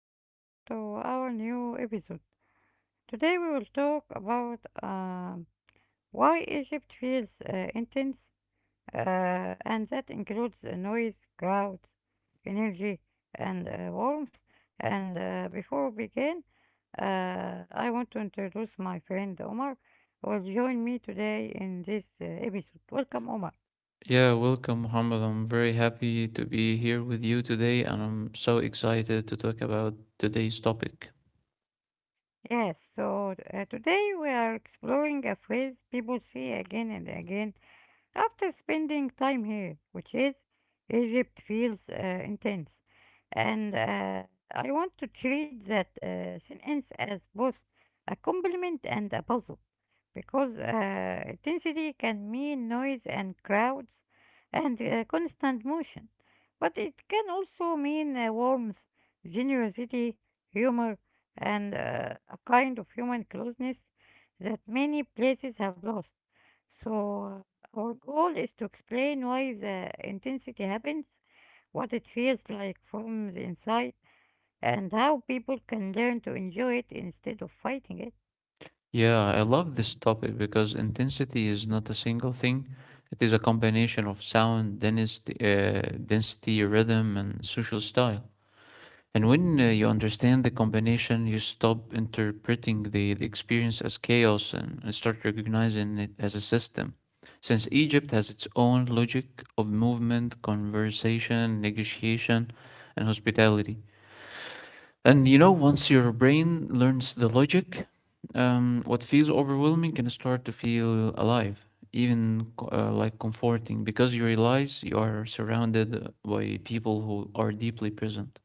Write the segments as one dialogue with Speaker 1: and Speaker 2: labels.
Speaker 1: welcome to our new episode. Today, we will talk about why Egypt feels intense, and that includes the noise, crowds, energy, and warmth. And Before we begin, I want to introduce my friend Omar, who will join me today in this episode. Welcome, Omar.
Speaker 2: Yeah, welcome, Muhammad. I'm very happy to be here with you today, and I'm so excited to talk about today's topic.
Speaker 1: Yes, so today we are exploring a phrase people see again and again after spending time here, which is Egypt feels intense, and I want to treat that sentence as both a compliment and a puzzle because intensity can mean noise and crowds and constant motion, but it can also mean warmth, generosity, humor, and a kind of human closeness that many places have lost. So, our goal is to explain why the intensity happens, what it feels like from the inside, and how people can learn to enjoy it instead of fighting it.
Speaker 2: Yeah, I love this topic because intensity is not a single thing. It is a combination of sound, density, density, rhythm, and social style. And when you understand the combination, you stop interpreting the experience as chaos and start recognizing it as a system. Since Egypt has its own logic of movement, conversation, negotiation, and hospitality. And you know, once your brain learns the logic, what feels overwhelming can start to feel alive, even like comforting, because you realize you are surrounded by people who are deeply present.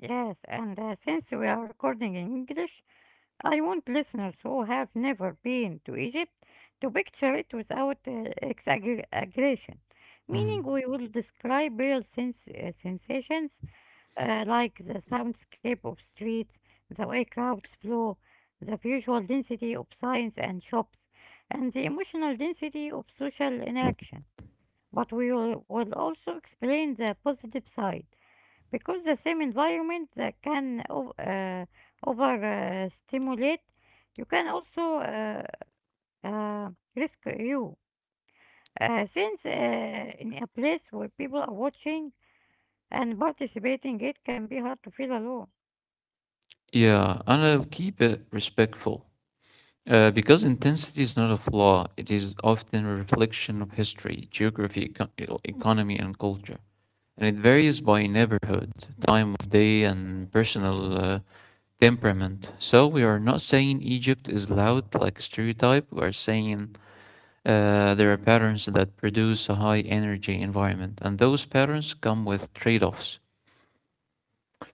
Speaker 1: Yes, and since we are recording in English, I want listeners who have never been to Egypt to picture it without exaggeration, meaning
Speaker 2: Mm.
Speaker 1: we will describe real sensations like the soundscape of streets, the way crowds flow, the visual density of signs and shops, and the emotional density of social interaction. But we will also explain the positive side because the same environment that can o- over stimulate you can also uh, risk you since in a place where people are watching and participating it can be hard to feel alone.
Speaker 2: Yeah, and I'll keep it respectful. Because intensity is not a flaw, it is often a reflection of history, geography, economy, and culture. And it varies by neighborhood, time of day, and personal temperament. So we are not saying Egypt is loud like a stereotype, we are saying there are patterns that produce a high energy environment, and those patterns come with trade offs.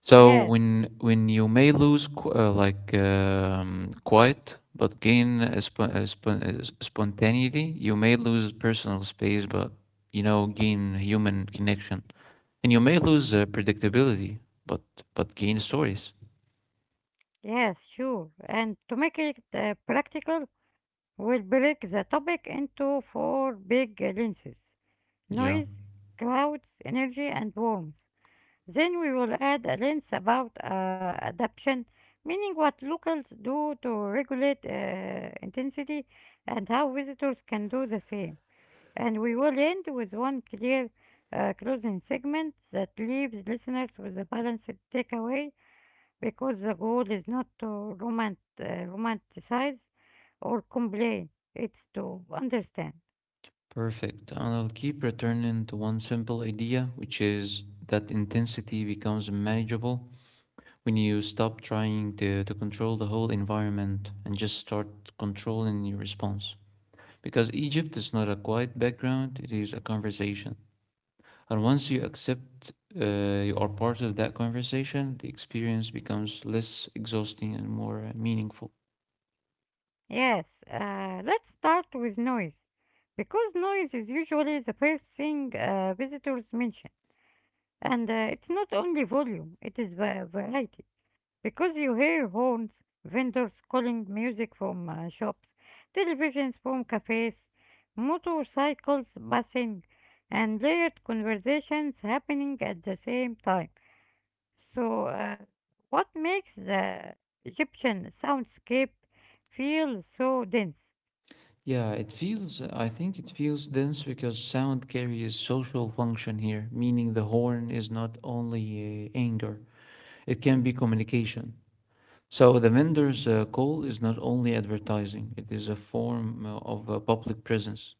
Speaker 2: So
Speaker 1: Yes,
Speaker 2: when you may lose quiet but gain a spontaneity, you may lose personal space but you know gain human connection, and you may lose predictability but gain stories.
Speaker 1: yes, sure, and to make it practical we'll break the topic into four big lenses:
Speaker 2: Yeah,
Speaker 1: noise, crowds, energy, and warmth. Then we will add a lens about adaption, meaning what locals do to regulate intensity and how visitors can do the same. And we will end with one clear closing segment that leaves listeners with a balanced takeaway because the goal is not to romanticize or complain, it's to understand.
Speaker 2: perfect. And I'll keep returning to one simple idea, which is that intensity becomes manageable when you stop trying to control the whole environment and just start controlling your response. Because Egypt is not a quiet background, it is a conversation. And once you accept uh, you are part of that conversation, the experience becomes less exhausting and more meaningful.
Speaker 1: Yes, let's start with noise. Because noise is usually the first thing visitors mention. And it's not only volume, it is variety. Because you hear horns, vendors calling, music from shops, televisions from cafes, motorcycles passing, and layered conversations happening at the same time. So, what makes the Egyptian soundscape feel so dense?
Speaker 2: Yeah, I think it feels dense because sound carries social function here, meaning the horn is not only anger, it can be communication. So the vendor's call is not only advertising, it is a form of public presence.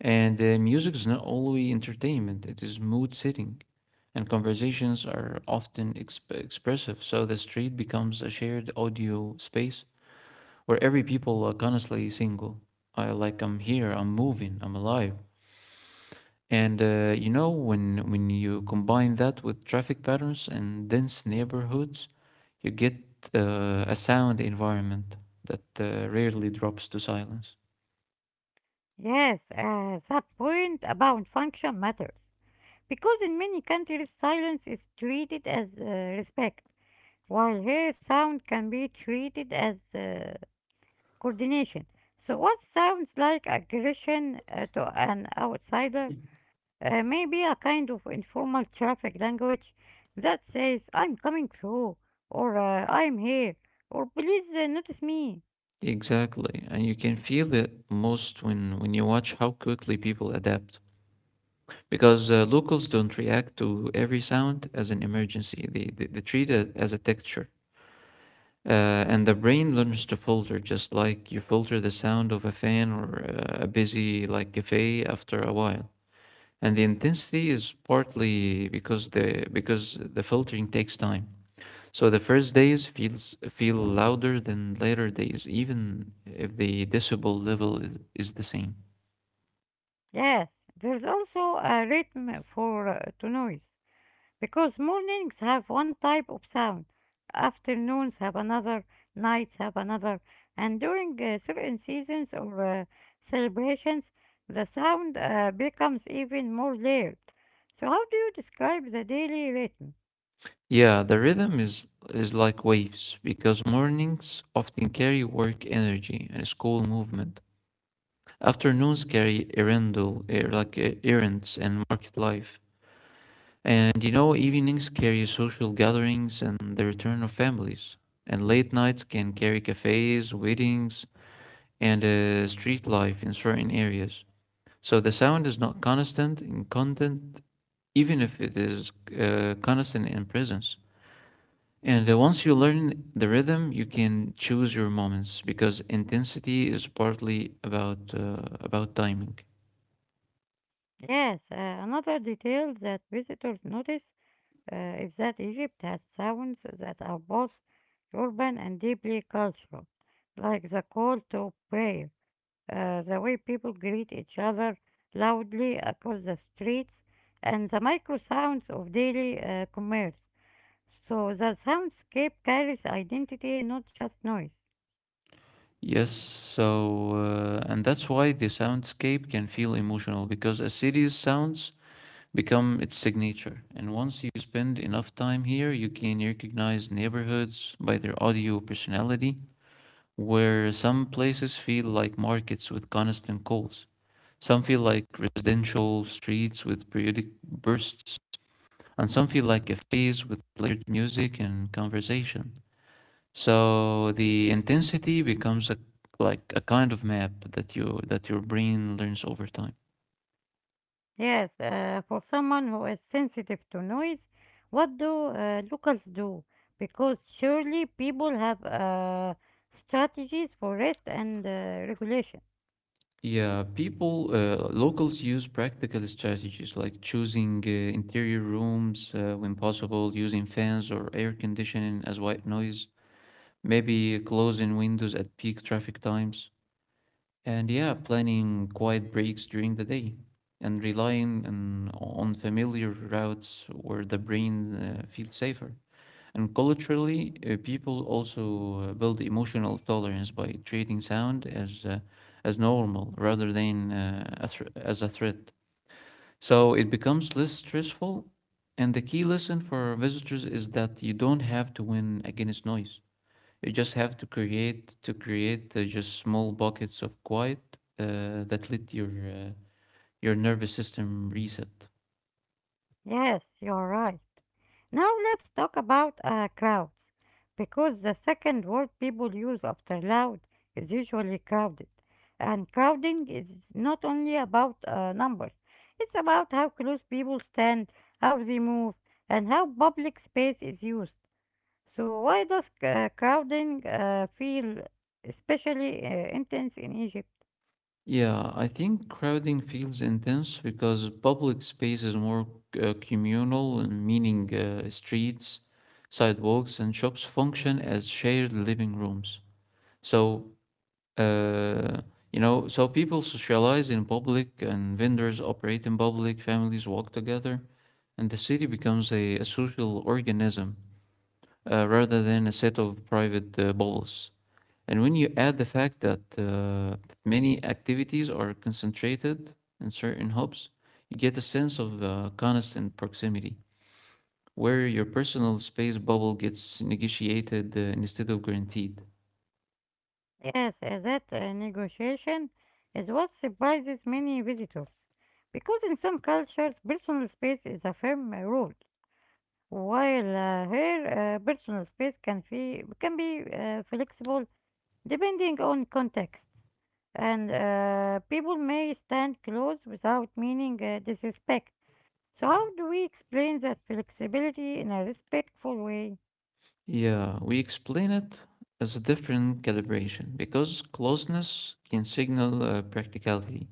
Speaker 2: And music is not only entertainment, it is mood setting. And conversations are often expressive, so the street becomes a shared audio space where every people are constantly single. I like I'm here, I'm moving, I'm alive. And you know when you combine that with traffic patterns and dense neighborhoods, you get a sound environment that rarely drops to silence.
Speaker 1: Yes, that point about function matters. Because in many countries, silence is treated as respect, while here, sound can be treated as coordination. So, what sounds like aggression to an outsider may be a kind of informal traffic language that says, I'm coming through, or I'm here, or please notice me.
Speaker 2: Exactly, and you can feel it most when you watch how quickly people adapt. Because locals don't react to every sound as an emergency; they treat it as a texture, uh, and the brain learns to filter, just like you filter the sound of a fan or a busy like cafe after a while. And the intensity is partly because the filtering takes time. So the first days feels feel louder than later days, even if the decibel level is the same.
Speaker 1: Yes, there's also a rhythm for to noise. Because mornings have one type of sound, afternoons have another, nights have another, and during certain seasons or celebrations, the sound becomes even more layered. So, how do you describe the daily rhythm?
Speaker 2: Yeah, the rhythm is like waves because mornings often carry work energy and school movement. Afternoons carry errandel, like errands and market life. And you know, evenings carry social gatherings and the return of families. And late nights can carry cafes, weddings, and street life in certain areas. So the sound is not constant in content, even if it is constant in presence. And once you learn the rhythm, you can choose your moments because intensity is partly about timing.
Speaker 1: Yes, another detail that visitors notice is that Egypt has sounds that are both urban and deeply cultural, like the call to prayer, the way people greet each other loudly across the streets, and the micro sounds of daily commerce. So the soundscape carries identity, not just noise.
Speaker 2: Yes, so and that's why the soundscape can feel emotional because a city's sounds become its signature. And once you spend enough time here, you can recognize neighborhoods by their audio personality where some places feel like markets with constant calls, some feel like residential streets with periodic bursts, and some feel like cafes with layered music and conversation. So the intensity becomes a like a kind of map that your brain learns over time.
Speaker 1: Yes, for someone who is sensitive to noise, what do locals do? Because surely people have strategies for rest and regulation.
Speaker 2: Yeah, locals use practical strategies like choosing interior rooms when possible, using fans or air conditioning as white noise, maybe closing windows at peak traffic times, and yeah, planning quiet breaks during the day, and relying on familiar routes where the brain feels safer. And culturally, people also build emotional tolerance by treating sound as normal rather than as a threat. So it becomes less stressful. And the key lesson for visitors is that you don't have to win against noise. You just have to create just small buckets of quiet that let your your nervous system reset.
Speaker 1: Yes, you're right. Now let's talk about crowds, because the second word people use after loud is usually crowded. And crowding is not only about numbers, it's about how close people stand, how they move, and how public space is used. So, why does crowding feel especially intense in Egypt?
Speaker 2: Yeah, I think crowding feels intense because public space is more communal, and meaning streets, sidewalks, and shops function as shared living rooms. So, uh, you know, so people socialize in public and vendors operate in public, families walk together, and the city becomes a social organism rather than a set of private bubbles. And when you add the fact that many activities are concentrated in certain hubs, you get a sense of constant proximity, where your personal space bubble gets negotiated instead of guaranteed.
Speaker 1: Yes, that negotiation is what surprises many visitors, because in some cultures, personal space is a firm rule, while here, personal space can be flexible depending on contexts, and people may stand close without meaning disrespect. So, how do we explain that flexibility in a respectful way?
Speaker 2: Yeah, we explain it as a different calibration because closeness can signal practicality,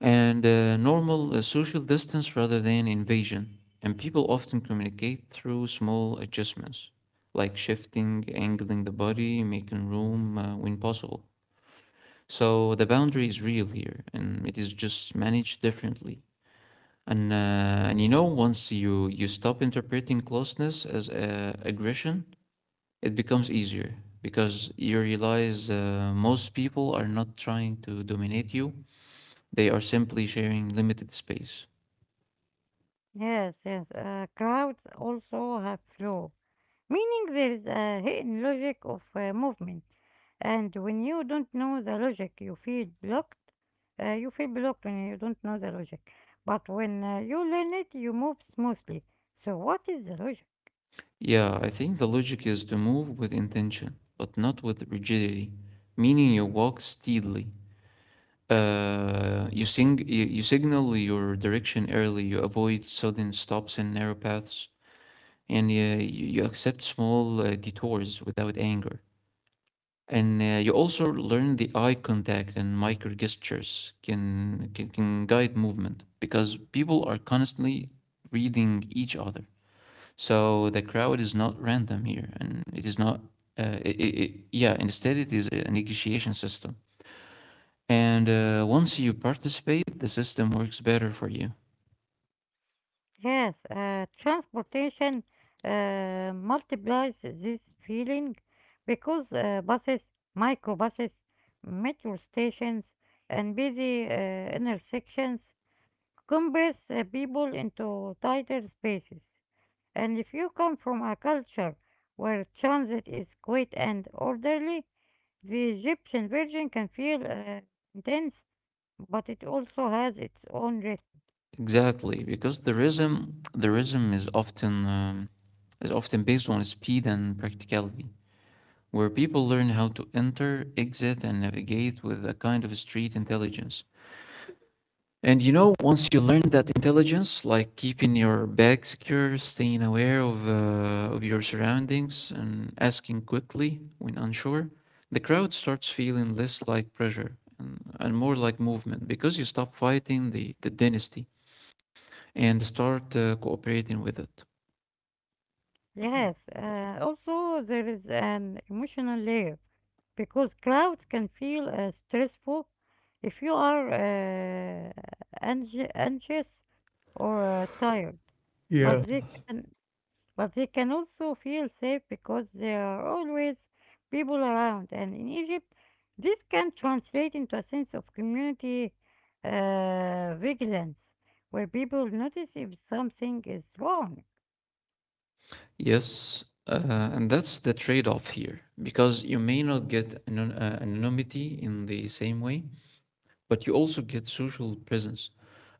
Speaker 2: and normal social distance rather than invasion. And people often communicate through small adjustments, like shifting, angling the body, making room when possible. So the boundary is real here, and it is just managed differently. And you know, once you stop interpreting closeness as aggression, it becomes easier because you realize most people are not trying to dominate you, they are simply sharing limited space.
Speaker 1: Yes, yes. Crowds also have flow, meaning there is a hidden logic of movement. And when you don't know the logic, you feel blocked. You feel blocked when you don't know the logic. But when you learn it, you move smoothly. So, what is the logic?
Speaker 2: Yeah, I think the logic is to move with intention, but not with rigidity, meaning you walk steadily. You signal your direction early, you avoid sudden stops and narrow paths, and uh, you accept small detours without anger. And you also learn the eye contact and micro gestures can guide movement because people are constantly reading each other. So the crowd is not random here, and it is not. I yeah, instead it is a negotiation system. And once you participate, the system works better for you.
Speaker 1: Yes, transportation multiplies this feeling because buses, microbuses, metro stations, and busy intersections compress people into tighter spaces. And if you come from a culture where transit is quiet and orderly, the Egyptian version can feel intense, but it also has its own rhythm.
Speaker 2: Exactly, because the rhythm is often based on speed and practicality, where people learn how to enter, exit, and navigate with a kind of street intelligence. And you know, once you learn that intelligence, like keeping your bag secure, staying aware of your surroundings, and asking quickly when unsure, the crowd starts feeling less like pressure and more like movement because you stop fighting the dynasty and start cooperating with it.
Speaker 1: Yes, also there is an emotional layer because crowds can feel stressful if you are anxious or tired, but
Speaker 2: Yeah.
Speaker 1: they can also feel safe because there are always people around. And in Egypt, this can translate into a sense of community vigilance, where people notice if something is wrong.
Speaker 2: Yes, and that's the trade-off here because you may not get anonymity in the same way, but you also get social presence.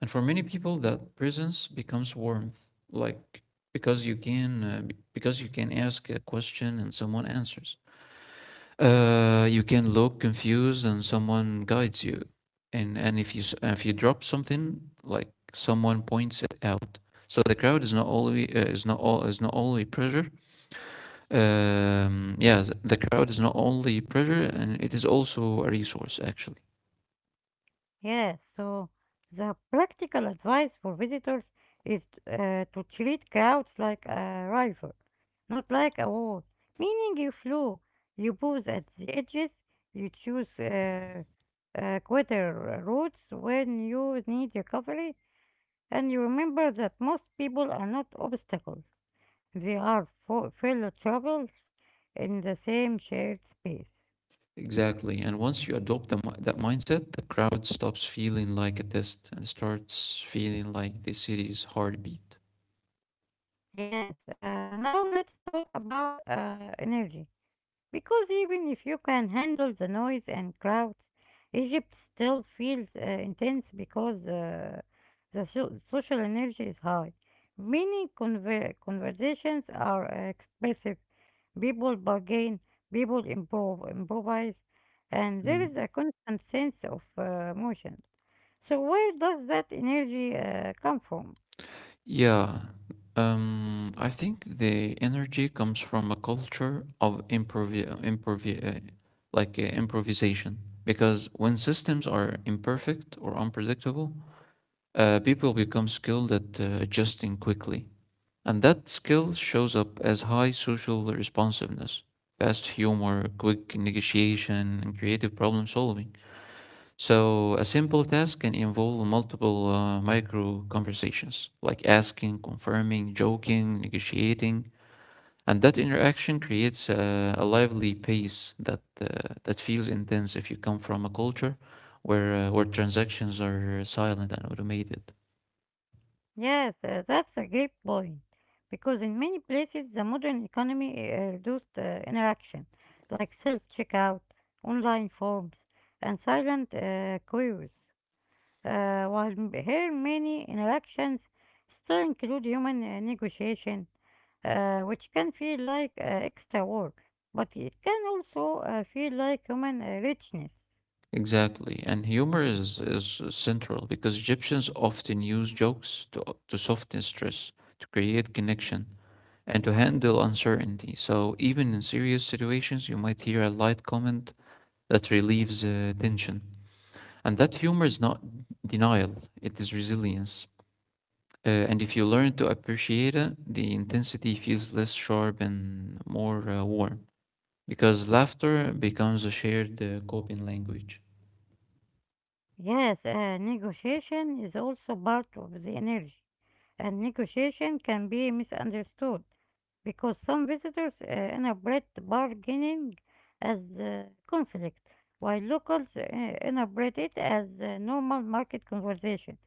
Speaker 2: And for many people, that presence becomes warmth, like because you can uh, because you can ask a question and someone answers. You can look confused and someone guides you. And if you drop something, like someone points it out. So the crowd is not only is not all is not only pressure. The crowd is not only pressure, and it is also a resource actually.
Speaker 1: Yes, so the practical advice for visitors is to treat crowds like a rival, not like a wall. Meaning you flew, you pose at the edges, you choose quicker routes when you need recovery, and you remember that most people are not obstacles. They are fellow troubles in the same shared space.
Speaker 2: Exactly. And once you adopt that mindset, the crowd stops feeling like a test and starts feeling like the city's heartbeat.
Speaker 1: Yes, now let's talk about energy. Because even if you can handle the noise and crowds, Egypt still feels intense because the social energy is high. Many conversations are expressive. People bargain, people improvise, and there
Speaker 2: Mm.
Speaker 1: is a constant sense of motion. So, where does that energy come from?
Speaker 2: Yeah. I think the energy comes from a culture of improvisation. Because when systems are imperfect or unpredictable, people become skilled at adjusting quickly. And that skill shows up as high social responsiveness, fast humor, quick negotiation, and creative problem solving. So, a simple task can involve multiple micro conversations, like asking, confirming, joking, negotiating. And that interaction creates a lively pace that feels intense if you come from a culture where transactions are silent and automated.
Speaker 1: Yes, that's a great point. Because in many places, the modern economy reduced interaction, like self-checkout, online forms, and silent queues. While m- Here, many interactions still include human negotiation, which can feel like extra work, but it can also feel like human richness.
Speaker 2: Exactly. And humor is central because Egyptians often use jokes to soften stress, to create connection, and to handle uncertainty. So, even in serious situations, you might hear a light comment that relieves tension. And that humor is not denial, it is resilience. And if you learn to appreciate it, the intensity feels less sharp and more warm because laughter becomes a shared coping language.
Speaker 1: Yes, negotiation is also part of the energy, and negotiation can be misunderstood because some visitors interpret bargaining as conflict, while locals interpret it as a normal market conversation.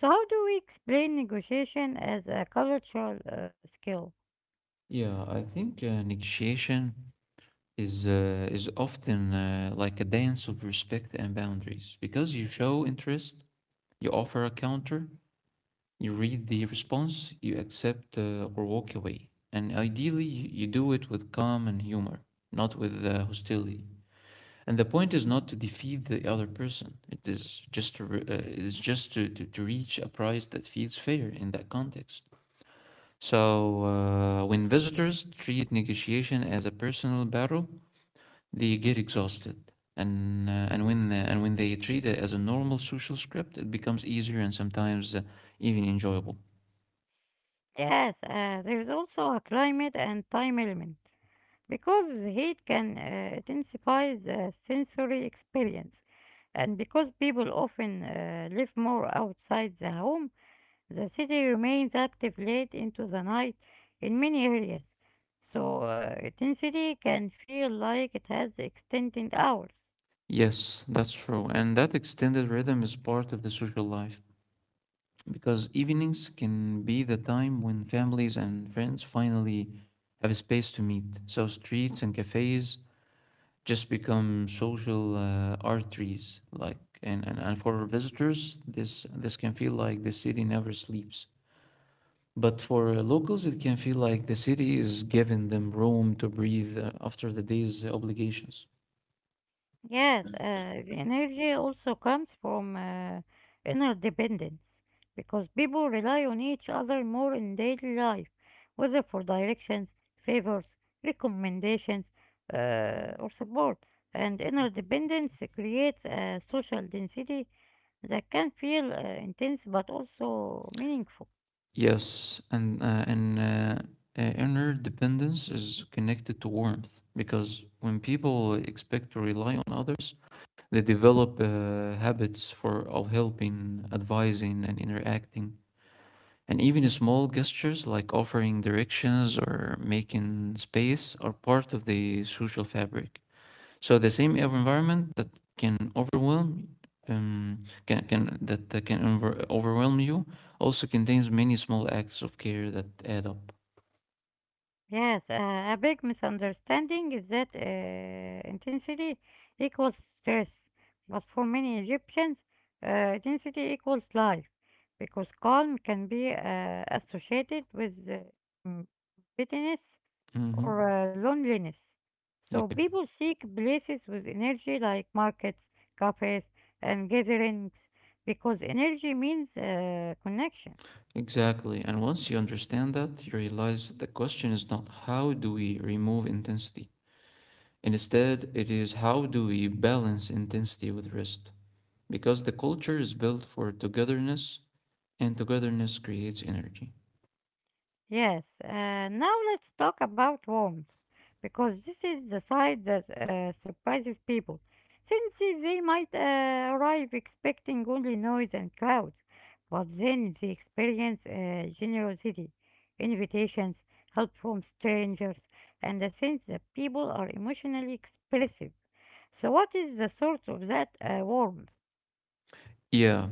Speaker 1: So, how do we explain negotiation as a cultural skill?
Speaker 2: Yeah, I think negotiation is often like a dance of respect and boundaries because you show interest, you offer a counter, you read the response, you accept or walk away, and ideally you do it with calm and humor, not with hostility. And the point is not to defeat the other person. It is just to re- it is just to reach a price that feels fair in that context. So, when visitors treat negotiation as a personal battle, they get exhausted. And when they treat it as a normal social script, it becomes easier and sometimes even enjoyable.
Speaker 1: Yes, there is also a climate and time element because heat can intensify the sensory experience, and because people often live more outside the home. The city remains active late into the night in many areas, so intensity can feel like it has extended hours.
Speaker 2: Yes, that's true. And that extended rhythm is part of the social life because evenings can be the time when families and friends finally have a space to meet. So, streets and cafes just become social arteries like and for visitors this can feel like the city never sleeps, but for locals it can feel like the city is giving them room to breathe after the day's obligations.
Speaker 1: Yes, the energy also comes from interdependence because people rely on each other more in daily life, whether for directions, favors, recommendations, or support. And interdependence creates a social density that can feel intense but also meaningful.
Speaker 2: Yes and Interdependence is connected to warmth because when people expect to rely on others they develop habits for of helping, advising and interacting. And even small gestures like offering directions or making space are part of the social fabric. So the same environment that can overwhelm um, can overwhelm you also contains many small acts of care that add up.
Speaker 1: Yes, a big misunderstanding is that intensity equals stress, but for many Egyptians, intensity equals life because calm can be associated with mm, bitterness
Speaker 2: Hmm.
Speaker 1: or loneliness.
Speaker 2: Yeah,
Speaker 1: So people seek places with energy like markets, cafes, and gatherings because energy means connection.
Speaker 2: exactly. And once you understand that, you realize the question is not how do we remove intensity. Instead, it is how do we balance intensity with rest, because the culture is built for togetherness and togetherness creates energy.
Speaker 1: Yes, now let's talk about worms, because this is the side that surprises people, since they might arrive expecting only noise and clouds, but then they experience generosity, invitations, help from strangers, and a sense that people are emotionally expressive. So, what is the source of that warmth?
Speaker 2: Yeah,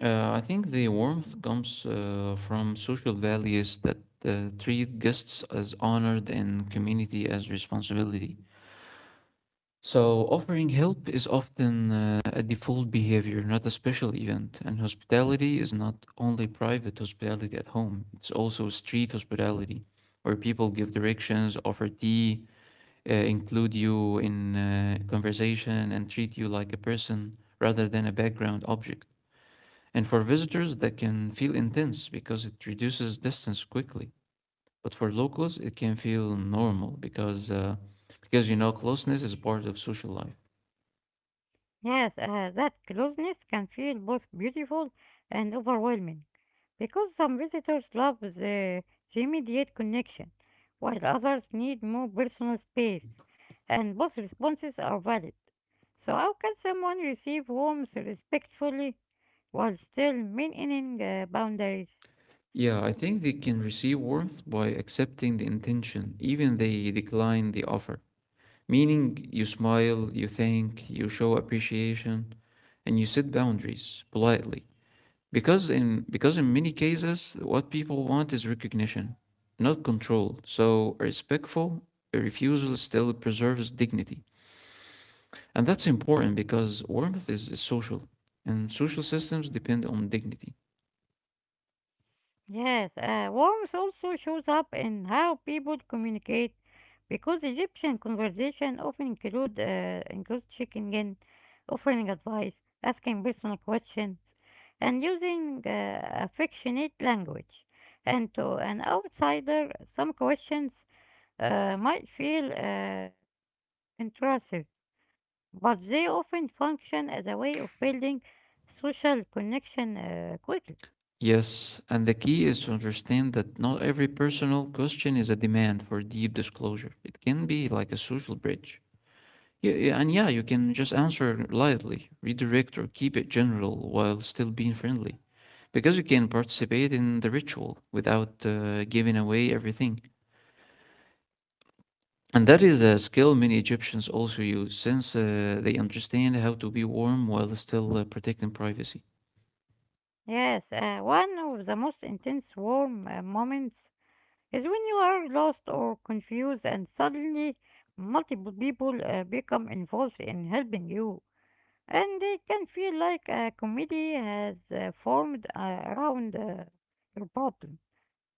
Speaker 2: I think the warmth comes from social values that treat guests as honored and community as responsibility. So, offering help is often a default behavior, not a special event. And hospitality is not only private hospitality at home, it's also street hospitality, where people give directions, offer tea, include you in conversation and treat you like a person rather than a background object. And for visitors, that can feel intense because it reduces distance quickly. But for locals, it can feel normal because you know closeness is part of social life.
Speaker 1: Yes, that closeness can feel both beautiful and overwhelming. Because some visitors love the immediate connection, while others need more personal space, and both responses are valid. So, how can someone receive warmth respectfully while still maintaining boundaries?
Speaker 2: Yeah, I think they can receive warmth by accepting the intention, even they decline the offer. Meaning, you smile, you thank, you show appreciation, and you set boundaries politely, because in many cases what people want is recognition, not control. So a respectful, a refusal still preserves dignity, and that's important because warmth is social, and social systems depend on dignity.
Speaker 1: Yes, warmth also shows up in how people communicate, because Egyptian conversation often include checking in, offering advice, asking personal questions, and using affectionate language. And to an outsider, some questions might feel intrusive, but they often function as a way of building social connection quickly.
Speaker 2: Yes, and the key is to understand that not every personal question is a demand for deep disclosure. It can be like a social bridge. Yeah, yeah, and yeah you can just answer lightly, redirect or keep it general while still being friendly, because you can participate in the ritual without giving away everything. And that is a skill many Egyptians also use since they understand how to be warm while still protecting privacy.
Speaker 1: Yes, one of the most intense warm moments is when you are lost or confused and suddenly multiple people become involved in helping you. And they can feel like a committee has formed around your problem.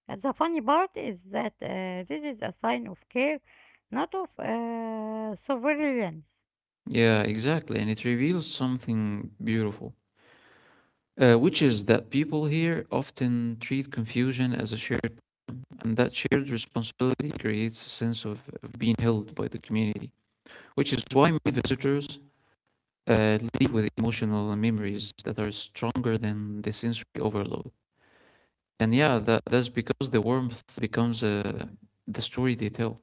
Speaker 1: And the funny part is that this is a sign of care, not of surveillance.
Speaker 2: Yeah, exactly. And it reveals something beautiful, which is that people here often treat confusion as a shared problem. And that shared responsibility creates a sense of being held by the community, which is why many visitors lead with emotional memories that are stronger than the sensory overload. And yeah, that's because the warmth becomes the story they tell.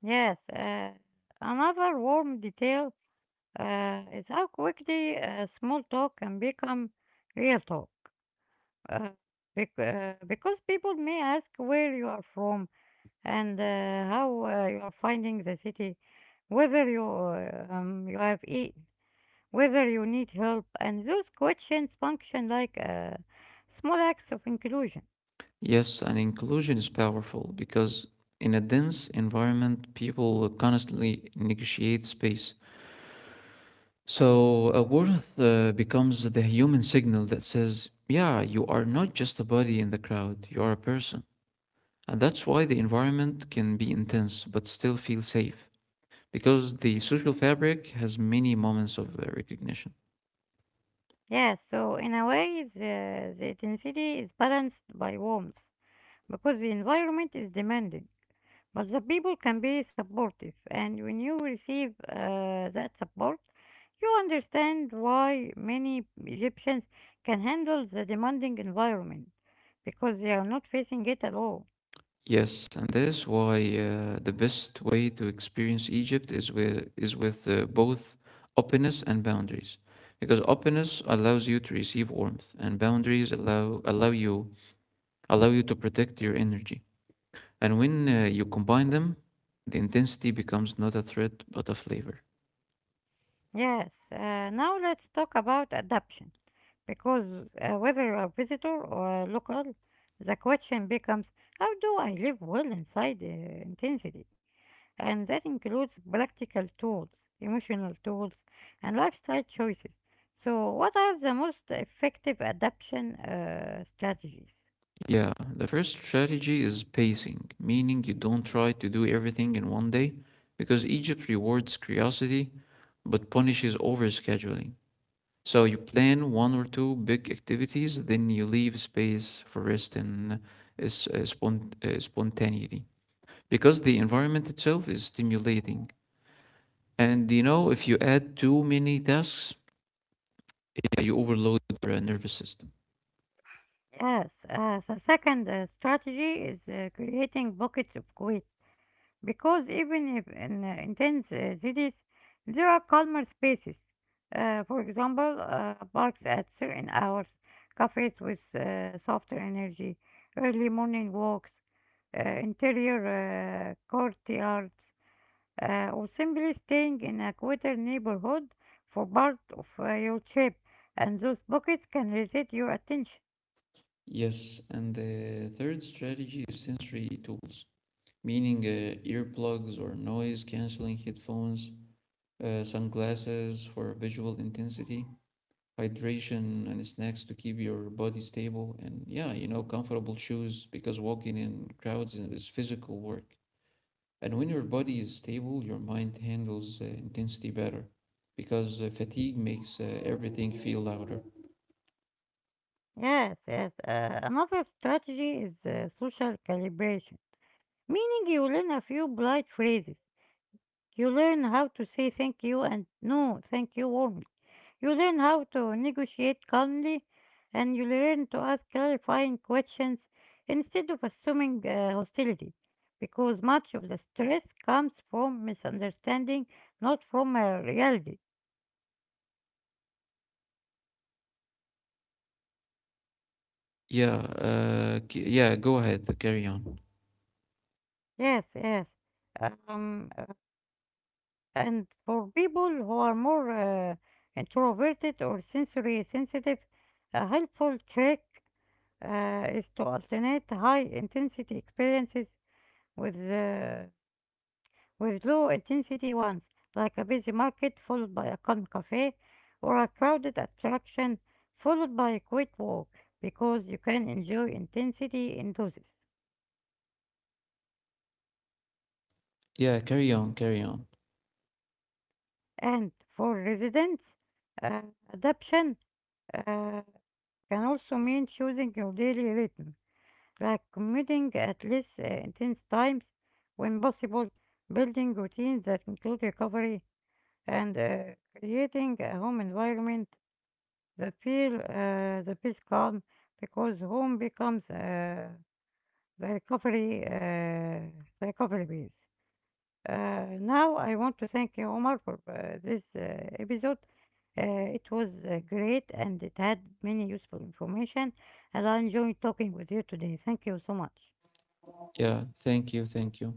Speaker 1: Yes, another warm detail is how quickly small talk can become real talk. Uh, because people may ask where you are from and how you are finding the city, whether you you have eat, whether you need help, and those questions function like small acts of inclusion.
Speaker 2: Yes, and inclusion is powerful because in a dense environment, people constantly negotiate space. So a worth becomes the human signal that says, yeah, you are not just a body in the crowd, you are a person. And that's why the environment can be intense but still feel safe, because the social fabric has many moments of recognition.
Speaker 1: Yeah, so in a way, the intensity is balanced by warmth because the environment is demanding. But the people can be supportive, and when you receive that support, you understand why many Egyptians can handle the demanding environment because they are not facing it at all.
Speaker 2: Yes, and that is why the best way to experience Egypt is with both openness and boundaries, because openness allows you to receive warmth, and boundaries allow you to protect your energy. And when you combine them, the intensity becomes not a threat but a flavor.
Speaker 1: Yes, now let's talk about adaptation because whether you are visitor or local, the question becomes how do I live well inside intensity? And that includes practical tools, emotional tools, and lifestyle choices. So, what are the most effective adaptation strategies?
Speaker 2: Yeah, the first strategy is pacing, meaning you don't try to do everything in one day because Egypt rewards curiosity but punishes overscheduling. So you plan 1 or 2 big activities, then you leave space for rest and spontaneity, because the environment itself is stimulating. And you know, if you add too many tasks, you overload your nervous system.
Speaker 1: Yes, the second strategy is creating pockets of quiet. Because even if in intense cities, there are calmer spaces. For example, parks at certain hours, cafes with softer energy, early morning walks, interior courtyards, or simply staying in a quieter neighborhood for part of your trip. And those pockets can reset your attention.
Speaker 2: Yes, and the third strategy is sensory tools, meaning earplugs or noise canceling headphones, sunglasses for visual intensity, hydration and snacks to keep your body stable, and yeah, you know, comfortable shoes because walking in crowds is physical work. And when your body is stable, your mind handles intensity better because fatigue makes everything feel louder.
Speaker 1: Yes, yes. Another strategy is social calibration, meaning you learn a few polite phrases. You learn how to say thank you and no thank you warmly. You learn how to negotiate calmly and you learn to ask clarifying questions instead of assuming hostility because much of the stress comes from misunderstanding, not from reality.
Speaker 2: Yeah, yeah, go ahead, carry on.
Speaker 1: Yes, yes. Um, And for people who are more introverted or sensory sensitive, a helpful trick is to alternate high intensity experiences with uh, with low intensity ones, like a busy market followed by a calm cafe, or a crowded attraction followed by a quiet walk, because you can enjoy intensity in doses.
Speaker 2: Yeah, carry on, carry on.
Speaker 1: And for residents, uh, adaptation uh, can also mean choosing your daily rhythm, like committing at least intense times when possible, building routines that include recovery, and creating a home environment that feel the peace calm because home becomes the recovery uh, the recovery base. Now I want to thank you, Omar, for this episode. It was great and it had many useful information, and I enjoyed talking with you today. Thank you so much.
Speaker 2: Yeah, thank you, thank you.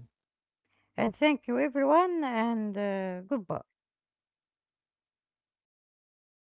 Speaker 1: And thank you, everyone, and goodbye.